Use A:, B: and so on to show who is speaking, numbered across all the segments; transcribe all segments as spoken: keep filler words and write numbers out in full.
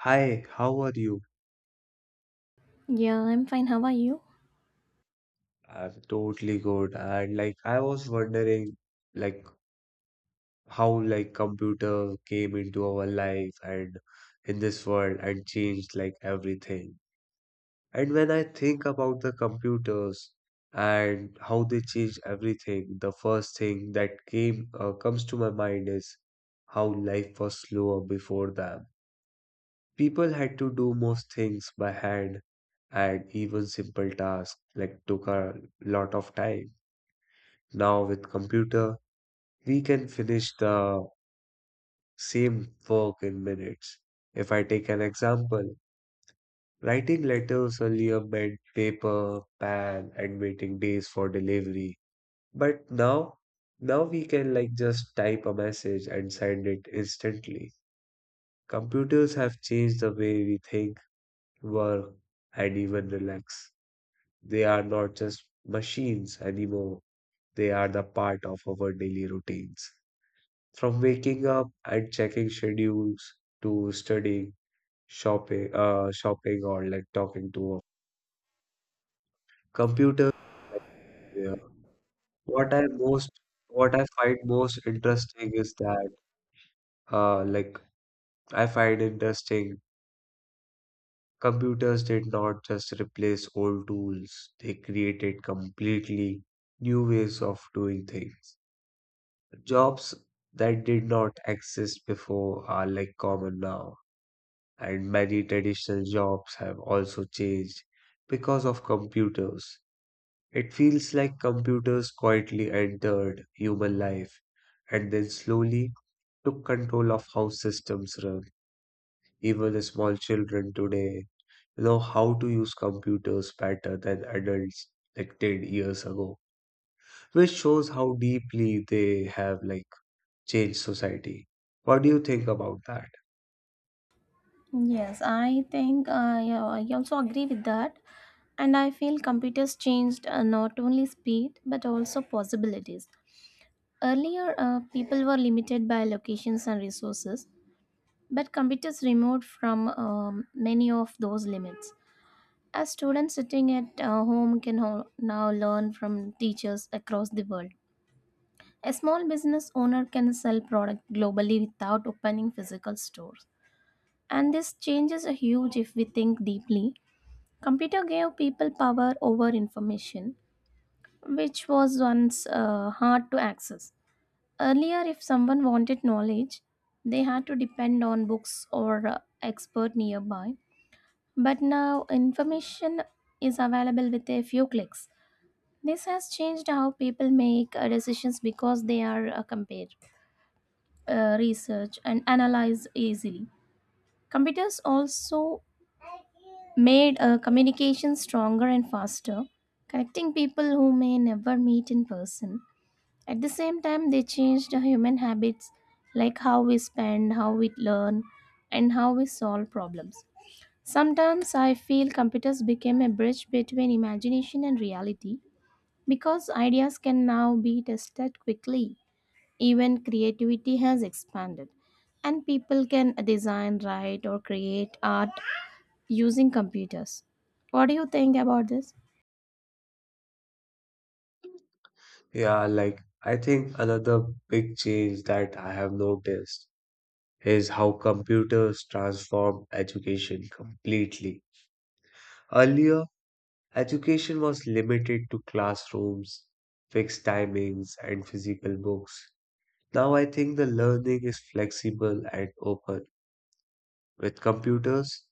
A: Hi, how are you?
B: Yeah, I'm fine. How are you?
A: I'm totally good. And like I was wondering like how like computer came into our life and in this world and changed like everything. And when I think about the computers and how they changed everything, the first thing that came uh, comes to my mind is how life was slower before them. People had to do most things by hand, and even simple tasks like took a lot of time. Now with computer, we can finish the same work in minutes. If I take an example, writing letters earlier meant paper, pen, and waiting days for delivery. But now, now we can like just type a message and send it instantly. Computers have changed the way we think, work, and even relax. They are not just machines anymore. They are the part of our daily routines. From waking up and checking schedules to studying, shopping, uh, shopping, or like talking to a computer. Yeah. What I most, what I find most interesting is that, uh, like I find interesting computers did not just replace old tools; they created completely new ways of doing things. Jobs that did not exist before are like common now, and many traditional jobs have also changed because of computers. It feels like computers quietly entered human life and then slowly took control of how systems run. Even the small children today know how to use computers better than adults like ten years ago, which shows how deeply they have like changed society. What do you think about that?
B: Yes, I think I, uh, yeah, I also agree with that. And I feel computers changed uh, not only speed but also possibilities. Earlier, uh, people were limited by locations and resources, but computers removed from um, many of those limits. As students sitting at uh, home can ho- now learn from teachers across the world. A small business owner can sell product globally without opening physical stores. And this change is huge if we think deeply. Computer gave people power over information, which was once uh, hard to access. Earlier, if someone wanted knowledge, they had to depend on books or uh, expert nearby. But now, information is available with a few clicks. This has changed how people make uh, decisions because they are uh, compared, uh, research, and analyze easily. Computers also made uh, communication stronger and faster, connecting people who may never meet in person. At the same time, they changed the human habits like how we spend, how we learn, and how we solve problems. Sometimes I feel computers became a bridge between imagination and reality because ideas can now be tested quickly. Even creativity has expanded, and people can design, write, or create art using computers. What do you think about this?
A: Yeah, like I think another big change that I have noticed is how computers transform education completely. Earlier, education was limited to classrooms, fixed timings, and physical books. Now I think the learning is flexible and open. With computers,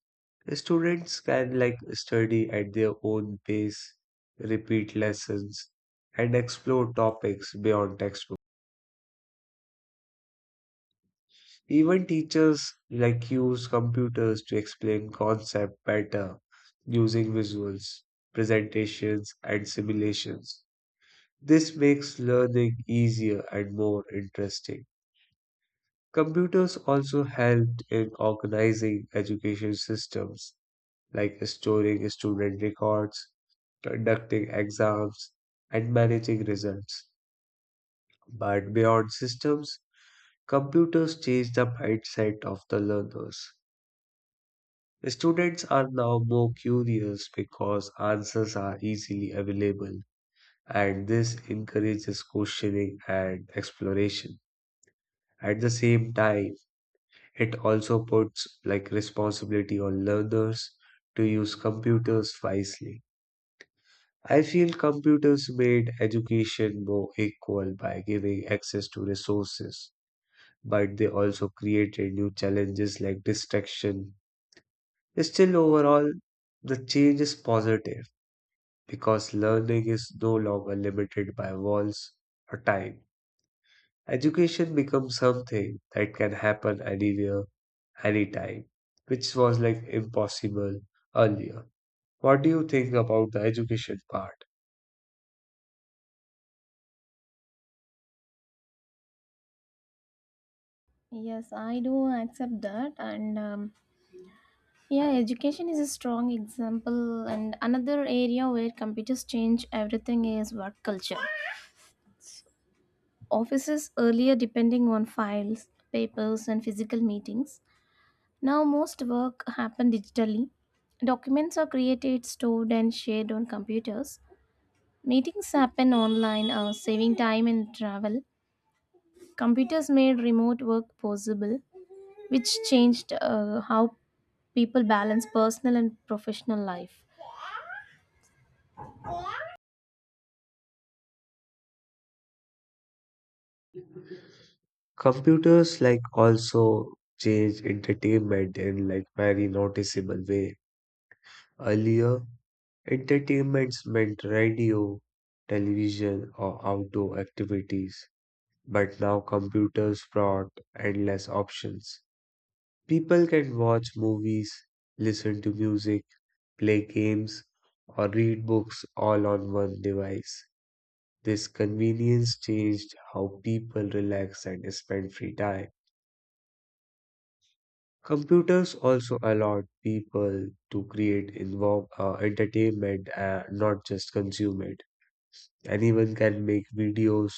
A: students can like study at their own pace, repeat lessons, and explore topics beyond textbooks. Even teachers like use computers to explain concept better using visuals, presentations, and simulations. This makes learning easier and more interesting. Computers also helped in organizing education systems like storing student records, conducting exams, and managing results. But beyond systems, computers change the mindset of the learners. Students are now more curious because answers are easily available, and this encourages questioning and exploration. At the same time, it also puts like responsibility on learners to use computers wisely. I feel computers made education more equal by giving access to resources, but they also created new challenges like distraction. Still, overall, the change is positive because learning is no longer limited by walls or time. Education becomes something that can happen anywhere, anytime, which was like impossible earlier. What do you think about the education part?
B: Yes, I do accept that. And um, yeah, education is a strong example. And another area where computers change everything is work culture. Offices earlier depending on files, papers, and physical meetings. Now most work happen digitally. Documents are created, stored, and shared on computers. Meetings happen online, uh, saving time and travel. Computers made remote work possible, which changed uh, how people balance personal and professional life.
A: Computers like also change entertainment in like very noticeable way. Earlier, entertainments meant radio, television, or outdoor activities. But now computers brought endless options. People can watch movies, listen to music, play games, or read books all on one device. This convenience changed how people relax and spend free time. Computers also allowed people to create involve, uh, entertainment, uh, not just consume it. Anyone can make videos,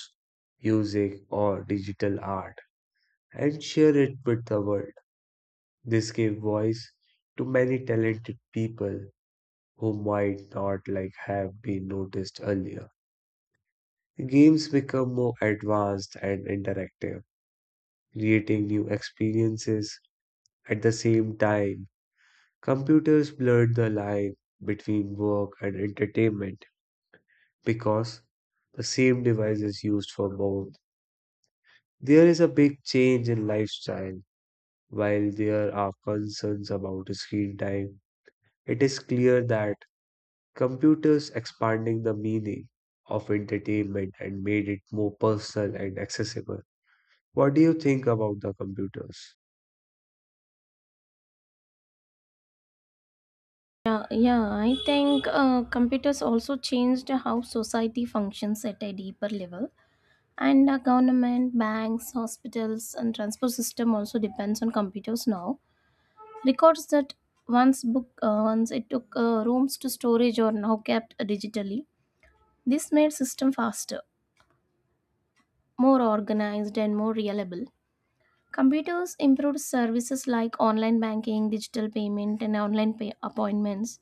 A: music, or digital art and share it with the world. This gave voice to many talented people who might not like have been noticed earlier. Games become more advanced and interactive, creating new experiences. At the same time, computers blurred the line between work and entertainment because the same device is used for both. There is a big change in lifestyle. While there are concerns about screen time, it is clear that computers expanding the meaning of entertainment and made it more personal and accessible. What do you think about the computers?
B: Yeah, yeah, I think uh, computers also changed how society functions at a deeper level. And uh, government, banks, hospitals, and transport system also depends on computers now. Records that once book uh, once it took uh, rooms to storage are now kept digitally. This made system faster, more organized, and more reliable. Computers improved services like online banking, digital payment, and online pay appointments,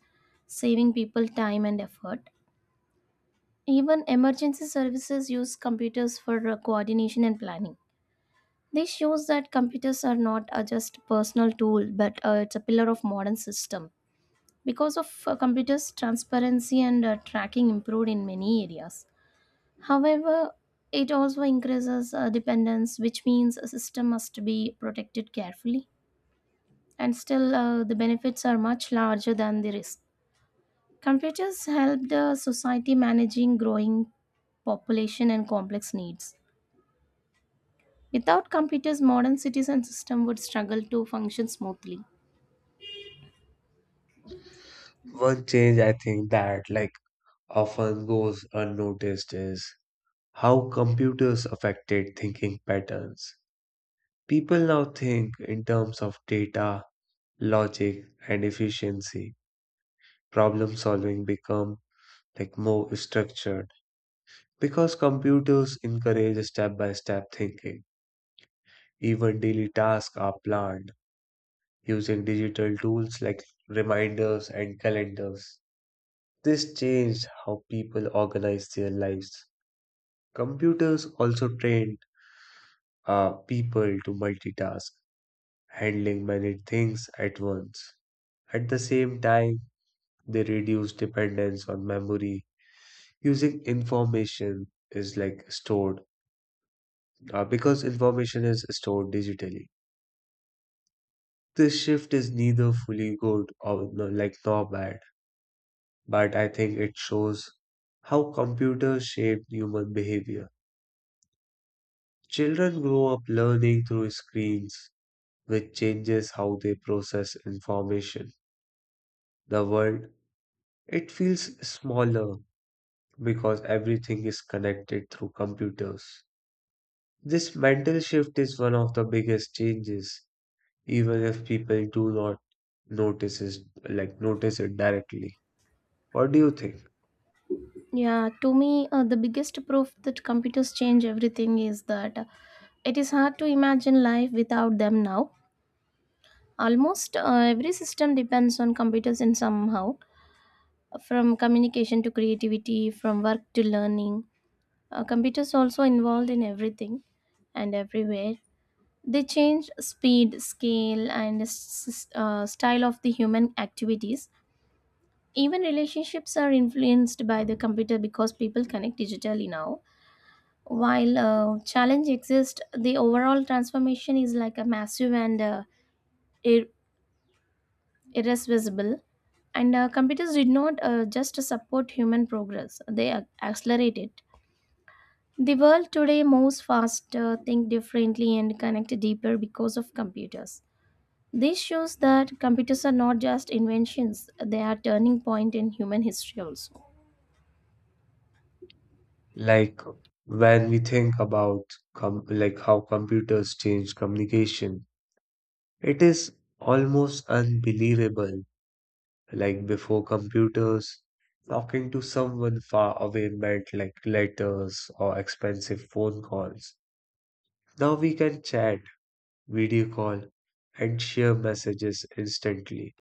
B: saving people time and effort. Even emergency services use computers for uh, coordination and planning. This shows that computers are not a just personal tool, but uh, it's a pillar of modern system. Because of uh, computers, transparency and uh, tracking improved in many areas. However, it also increases uh, dependence, which means a system must be protected carefully. And still uh, the benefits are much larger than the risk. Computers helped uh, society managing growing population and complex needs. Without computers, modern cities and system would struggle to function smoothly.
A: One change I think that like often goes unnoticed is how computers affected thinking patterns. People now think in terms of data, logic, and efficiency. Problem solving become like more structured because computers encourage step by step thinking. Even daily tasks are planned using digital tools like reminders and calendars. This changed how people organize their lives. Computers also trained uh, people to multitask, handling many things at once. At the same time, they reduce dependence on memory using information is like stored uh, because information is stored digitally. This shift is neither fully good or no, like nor bad, but I think it shows how computers shape human behavior. Children grow up learning through screens, which changes how they process information. The world, it feels smaller because everything is connected through computers. This mental shift is one of the biggest changes, even if people do not notice it, like notice it directly. What do you think?
B: Yeah, to me, uh, the biggest proof that computers change everything is that uh, it is hard to imagine life without them now. Almost uh, every system depends on computers in somehow, from communication to creativity, from work to learning. Uh, computers also involved in everything and everywhere. They change speed, scale, and s- uh, style of the human activities. Even relationships are influenced by the computer because people connect digitally now. While uh, challenge exists, the overall transformation is like a massive and uh, ir- irreversible. And uh, computers did not uh, just support human progress; they ac- accelerate it. The world today moves faster, think differently, and connect deeper because of computers. This shows that computers are not just inventions, they are turning point in human history also.
A: Like when we think about com like how computers change communication, it is almost unbelievable. Like before computers, talking to someone far away meant like letters or expensive phone calls. Now we can chat, video call, and share messages instantly.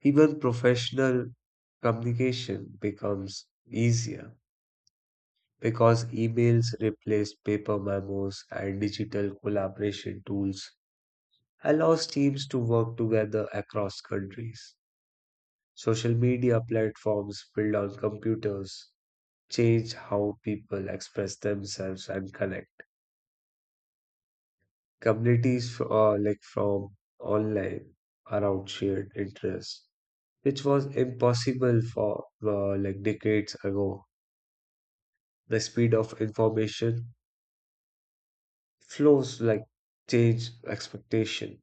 A: Even professional communication becomes easier, because emails replaced paper memos and digital collaboration tools allows teams to work together across countries. Social media platforms built on computers change how people express themselves and connect. Communities uh, like from online around shared interests, which was impossible for uh, like decades ago. The speed of information flows like change expectation.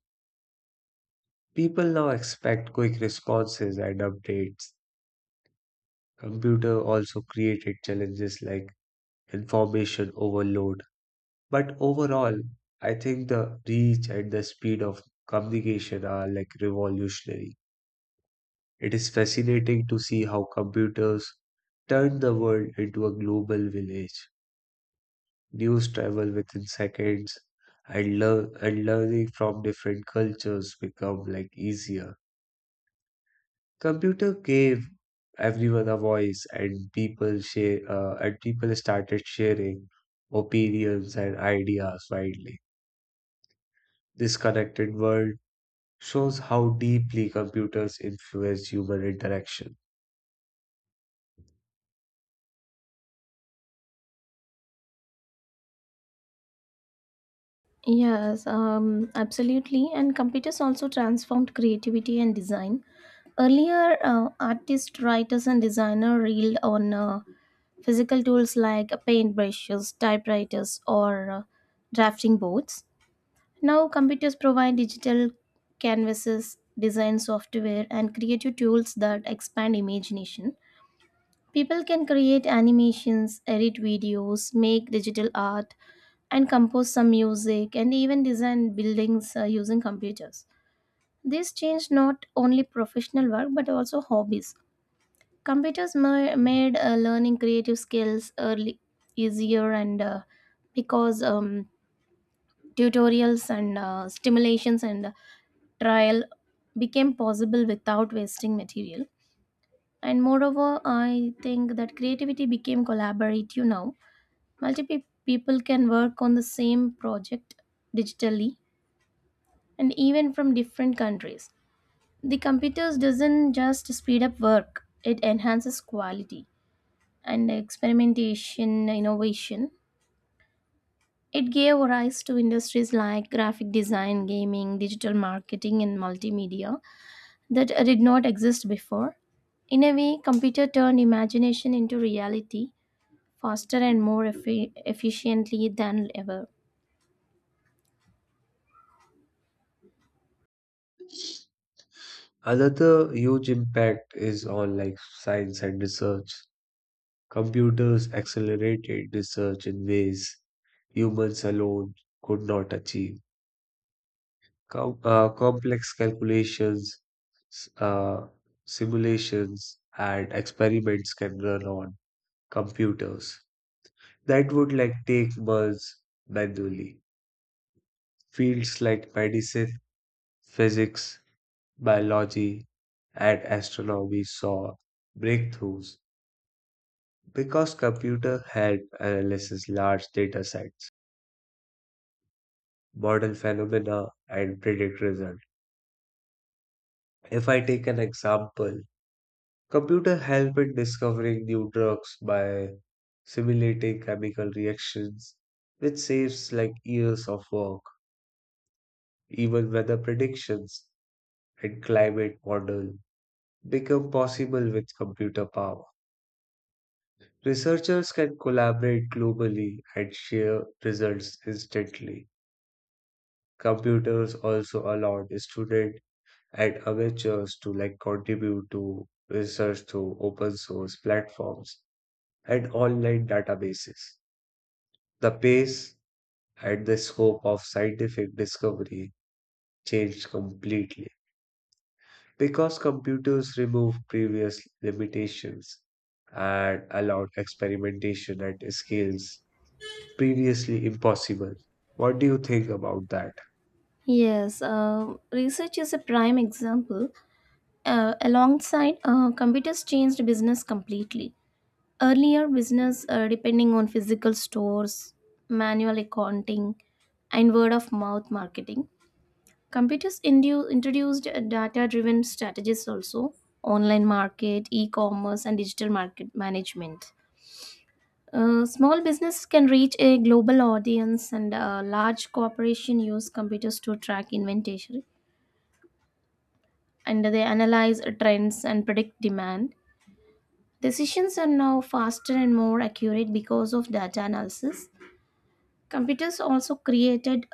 A: People now expect quick responses and updates. Computer also created challenges like information overload. But overall, I think the reach and the speed of communication are like revolutionary. It is fascinating to see how computers turn the world into a global village. News travel within seconds, and learn and learning from different cultures become like easier. Computer gave everyone a voice, and people share, uh, and people started sharing opinions and ideas widely. This connected world shows how deeply computers influence human interaction.
B: Yes, um, absolutely. And computers also transformed creativity and design. Earlier, uh, artists, writers, and designers reeled on uh, physical tools like paintbrushes, typewriters, or uh, drafting boards. Now, computers provide digital canvases, design software, and creative tools that expand imagination. People can create animations, edit videos, make digital art, and compose some music, and even design buildings uh, using computers. This changed not only professional work but also hobbies. Computers ma- made uh, learning creative skills early easier and uh, because um, tutorials and uh, stimulations and uh, trial became possible without wasting material. And moreover, I think that creativity became collaborative now. Multiple people can work on the same project digitally and even from different countries. The computers doesn't just speed up work, it enhances quality and experimentation, innovation. It gave rise to industries like graphic design, gaming, digital marketing, and multimedia that did not exist before. In a way, computer turned imagination into reality faster and more effi- efficiently than ever.
A: Another huge impact is on like science and research. Computers accelerated research in ways humans alone could not achieve. Com- uh, complex calculations, s- uh, simulations, and experiments can run on computers that would like take months manually. Fields like medicine, physics, biology, and astronomy saw breakthroughs because computer help analysis large data sets, model phenomena, and predict results. If I take an example, computer help in discovering new drugs by simulating chemical reactions, which saves like years of work. Even weather predictions and climate model become possible with computer power. Researchers can collaborate globally and share results instantly. Computers also allowed students and amateurs to like contribute to research through open source platforms and online databases. The pace and the scope of scientific discovery changed completely because computers removed previous limitations and allowed experimentation at scales previously impossible. What do you think about that?
B: Yes, uh, research is a prime example. Uh, alongside, uh, computers changed business completely. Earlier, business uh, depending on physical stores, manual accounting, and word of mouth marketing. Computers indu- introduced data driven strategies also, online market, e commerce, and digital market management. Uh, small business can reach a global audience, and uh, large corporation use computers to track inventory and they analyze trends and predict demand. Decisions are now faster and more accurate because of data analysis. Computers also created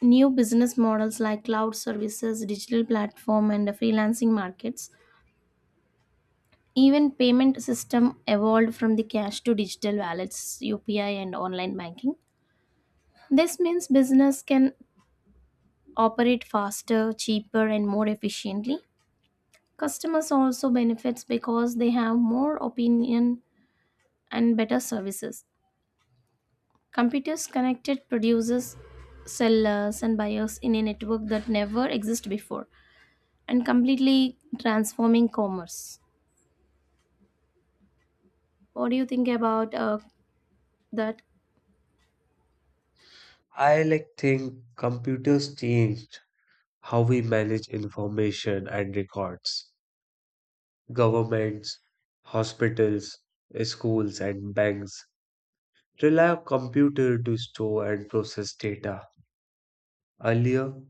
B: new business models like cloud services, digital platform, and freelancing markets. Even payment system evolved from the cash to digital wallets, U P I and online banking. This means business can operate faster, cheaper and more efficiently. Customers also benefits because they have more opinion and better services. Computers connected producers, sellers and buyers in a network that never existed before and completely transforming commerce. What do you think about uh, that?
A: I like think computers changed how we manage information and records. Governments, hospitals, schools, and banks rely on computer to store and process data. Earlier,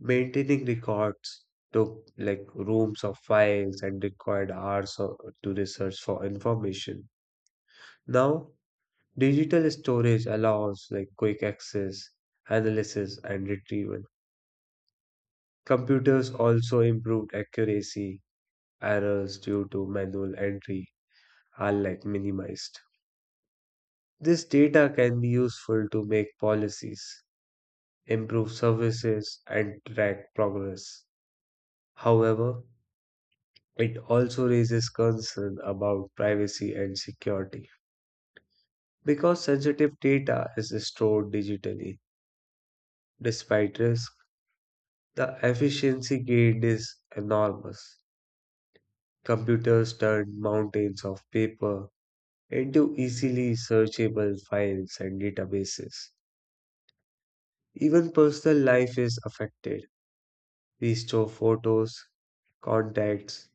A: maintaining records took like rooms of files and required hours o- to research for information. Now, digital storage allows like quick access, analysis, and retrieval. Computers also improved accuracy. Errors due to manual entry are like minimized. This data can be useful to make policies, improve services, and track progress. However, it also raises concern about privacy and security because sensitive data is stored digitally. Despite risk, the efficiency gained is enormous. Computers turn mountains of paper into easily searchable files and databases. Even personal life is affected. We store photos, contacts,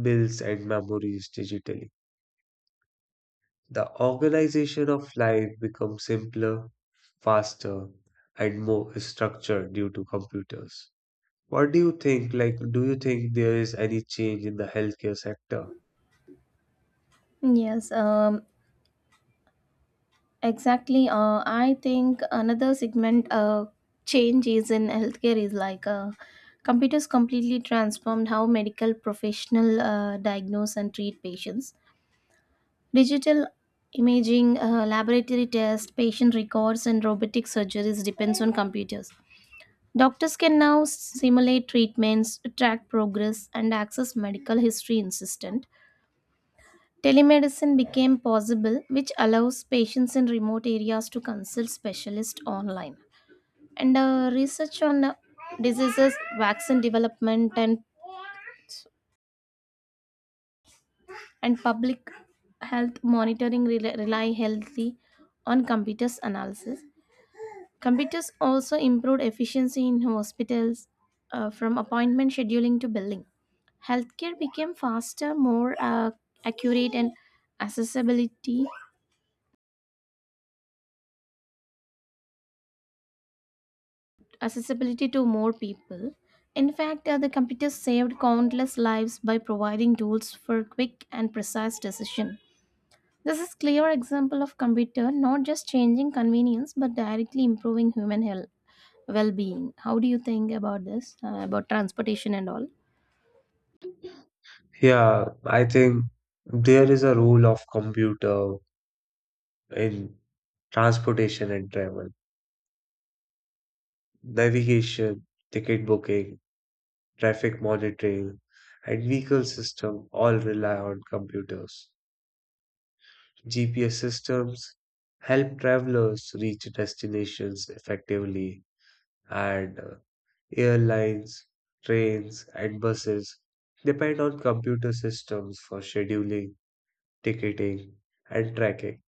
A: bills, and memories digitally. The organization of life becomes simpler, faster, and more structured due to computers. What do you think? Like, do you think there is any change in the healthcare sector?
B: Yes, um, exactly. Uh, I think another segment uh, change is in healthcare is like uh, computers completely transformed how medical professional uh, diagnose and treat patients. Digital imaging, uh, laboratory tests, patient records, and robotic surgeries depends on computers. Doctors can now simulate treatments, track progress, and access medical history in system. Telemedicine became possible, which allows patients in remote areas to consult specialists online. And uh, research on uh, diseases, vaccine development, and and public health monitoring rely, rely healthy on computers analysis. Computers also improved efficiency in hospitals, uh, from appointment scheduling to billing. Healthcare became faster, more uh, accurate, and accessibility accessibility to more people. In fact, uh, the computer saved countless lives by providing tools for quick and precise decision. This is clear example of computer not just changing convenience but directly improving human health well-being. How do you think about this uh, about transportation and all?
A: Yeah, I think there is a role of computer in transportation and travel, navigation, ticket booking, traffic monitoring, and vehicle system all rely on computers. G P S systems help travelers reach destinations effectively, and uh, airlines, trains, and buses depend on computer systems for scheduling, ticketing, and tracking.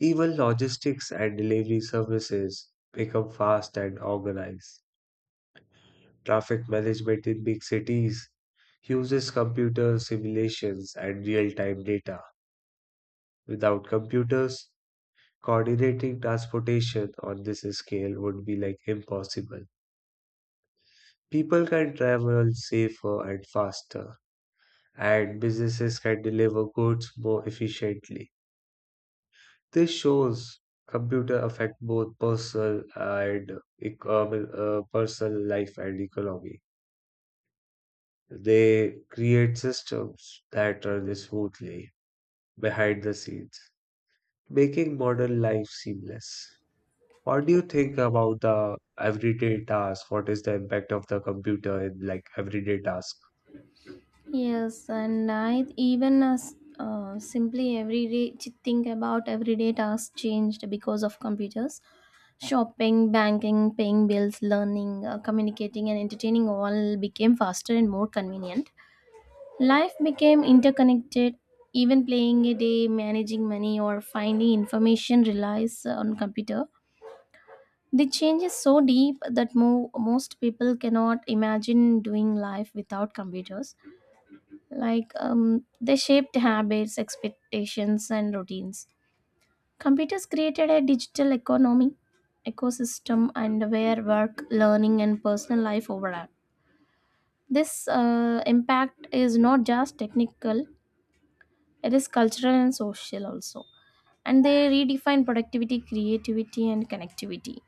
A: Even logistics and delivery services become fast and organized. Traffic management in big cities uses computer simulations and real time data. Without computers, coordinating transportation on this scale would be like impossible. People can travel safer and faster, and businesses can deliver goods more efficiently. This shows computer affect both personal and economic, uh, personal life and economy. They create systems that run smoothly behind the scenes, making modern life seamless. What do you think about the everyday task? What is the impact of the computer in like everyday task?
B: Yes, and I even as uh, simply everyday ch- think about everyday tasks changed because of computers. Shopping, banking, paying bills, learning, uh, communicating, and entertaining all became faster and more convenient. Life became interconnected. Even playing a day, managing money, or finding information relies on computer. The change is so deep that mo- most people cannot imagine doing life without computers, like um, they shaped habits, expectations, and routines. Computers created a digital economy ecosystem and where work, learning, and personal life overlap. This uh, impact is not just technical, it is cultural and social also, and they redefine productivity, creativity, and connectivity.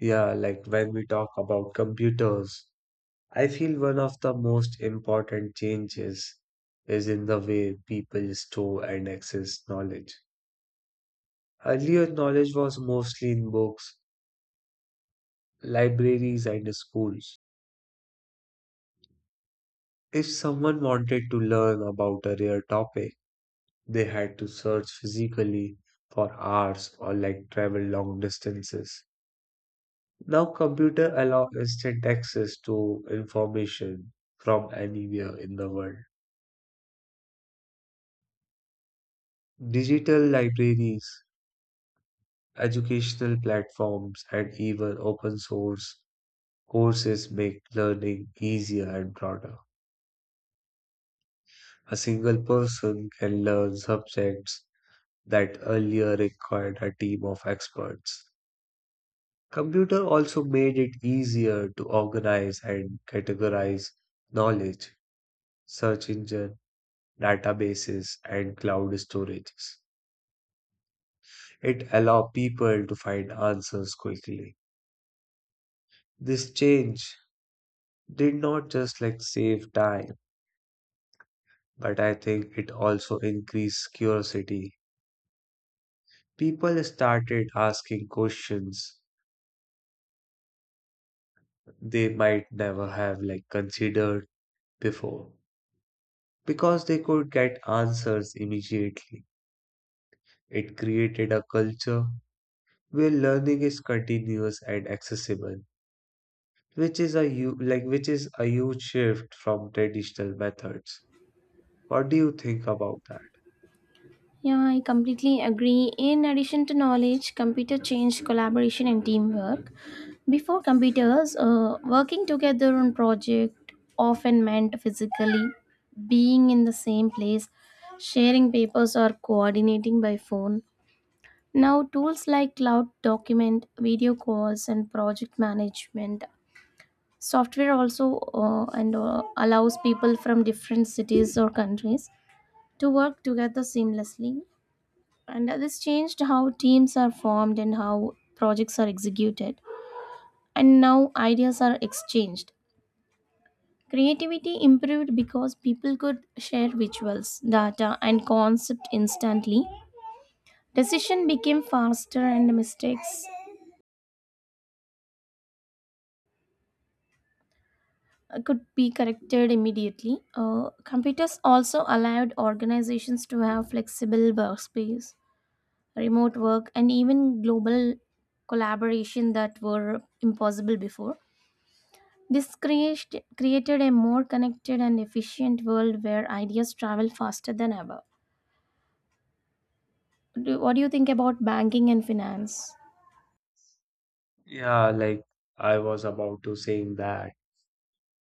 A: Yeah, like when we talk about computers, I feel one of the most important changes is in the way people store and access knowledge. Earlier, knowledge was mostly in books, libraries, and schools. If someone wanted to learn about a rare topic, they had to search physically for hours or like travel long distances. Now computer allow instant access to information from anywhere in the world. Digital libraries, educational platforms, and even open source courses make learning easier and broader. A single person can learn subjects that earlier required a team of experts. Computer also made it easier to organize and categorize knowledge. Search engine databases, and cloud storages. It allowed people to find answers quickly. This change did not just like save time, but I think it also increased curiosity. People started asking questions they might never have like considered before because they could get answers immediately. It created a culture where learning is continuous and accessible, which is a hu- like which is a huge shift from traditional methods. What do you think about that?
B: Yeah, I completely agree. In addition to knowledge, computer changed collaboration and teamwork. Before computers, uh, working together on project often meant physically being in the same place, sharing papers or coordinating by phone. Now, tools like cloud document, video calls, and project management software also uh, and uh, allows people from different cities or countries to work together seamlessly, and uh, this changed how teams are formed and how projects are executed, and now ideas are exchanged. Creativity improved because people could share visuals, data, and concept instantly. Decision became faster and mistakes uh, could be corrected immediately. Uh, computers also allowed organizations to have flexible workspace, remote work, and even global collaboration that were impossible before. This creat- created a more connected and efficient world where ideas travel faster than ever. Do, what do you think about banking and finance?
A: Yeah, like I was about to saying that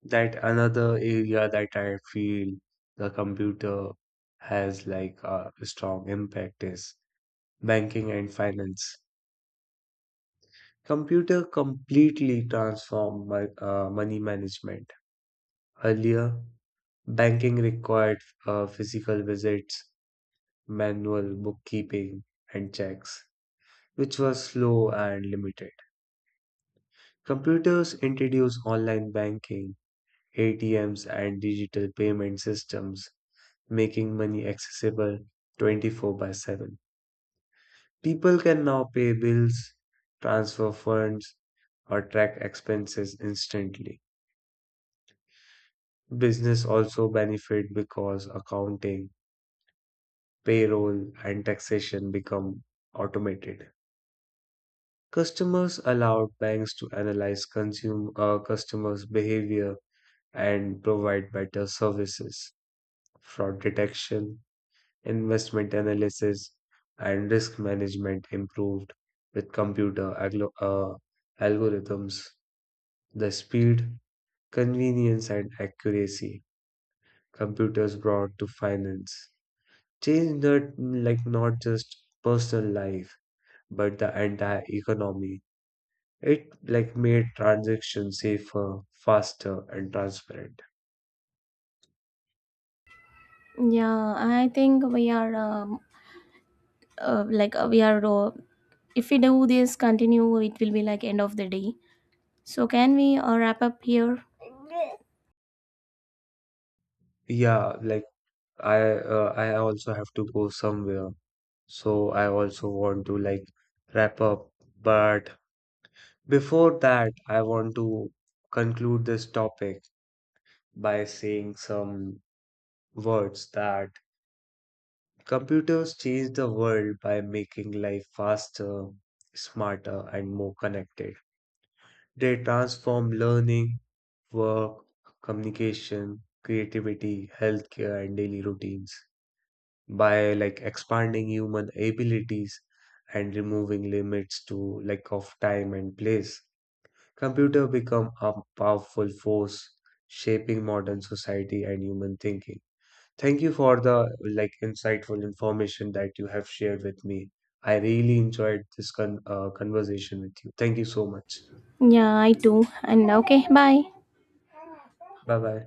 A: that another area that I feel the computer has like a strong impact is banking and finance. Computer completely transformed my, uh, money management. Earlier, banking required uh, physical visits, manual bookkeeping, and checks, which was slow and limited. Computers introduced online banking, A T Ms, and digital payment systems, making money accessible twenty-four by seven. People can now pay bills, transfer funds, or track expenses instantly. Business also benefit because accounting, payroll, and taxation become automated. Customers allowed banks to analyze consume, uh, customers' behavior and provide better services. Fraud detection, investment analysis, and risk management improved with computer aglo- uh, algorithms. The speed, convenience, and accuracy computers brought to finance changed not like not just personal life but the entire economy. It like made transactions safer, faster, and transparent.
B: Yeah, I think we are um, uh, like uh, we are. Uh, if we do this continue, it will be like end of the day. So can we uh, wrap up here?
A: Yeah, like I uh, I also have to go somewhere, so I also want to like wrap up. But before that, I want to conclude this topic by saying some words that computers change the world by making life faster, smarter, and more connected. They transform learning, work, communication, creativity, healthcare, and daily routines by like expanding human abilities and removing limits to like of time and place. Computer become a powerful force shaping modern society and human thinking. Thank you for the like insightful information that you have shared with me. I really enjoyed this con- uh, conversation with you. Thank you so much.
B: Yeah, I too. And okay, bye.
A: Bye bye.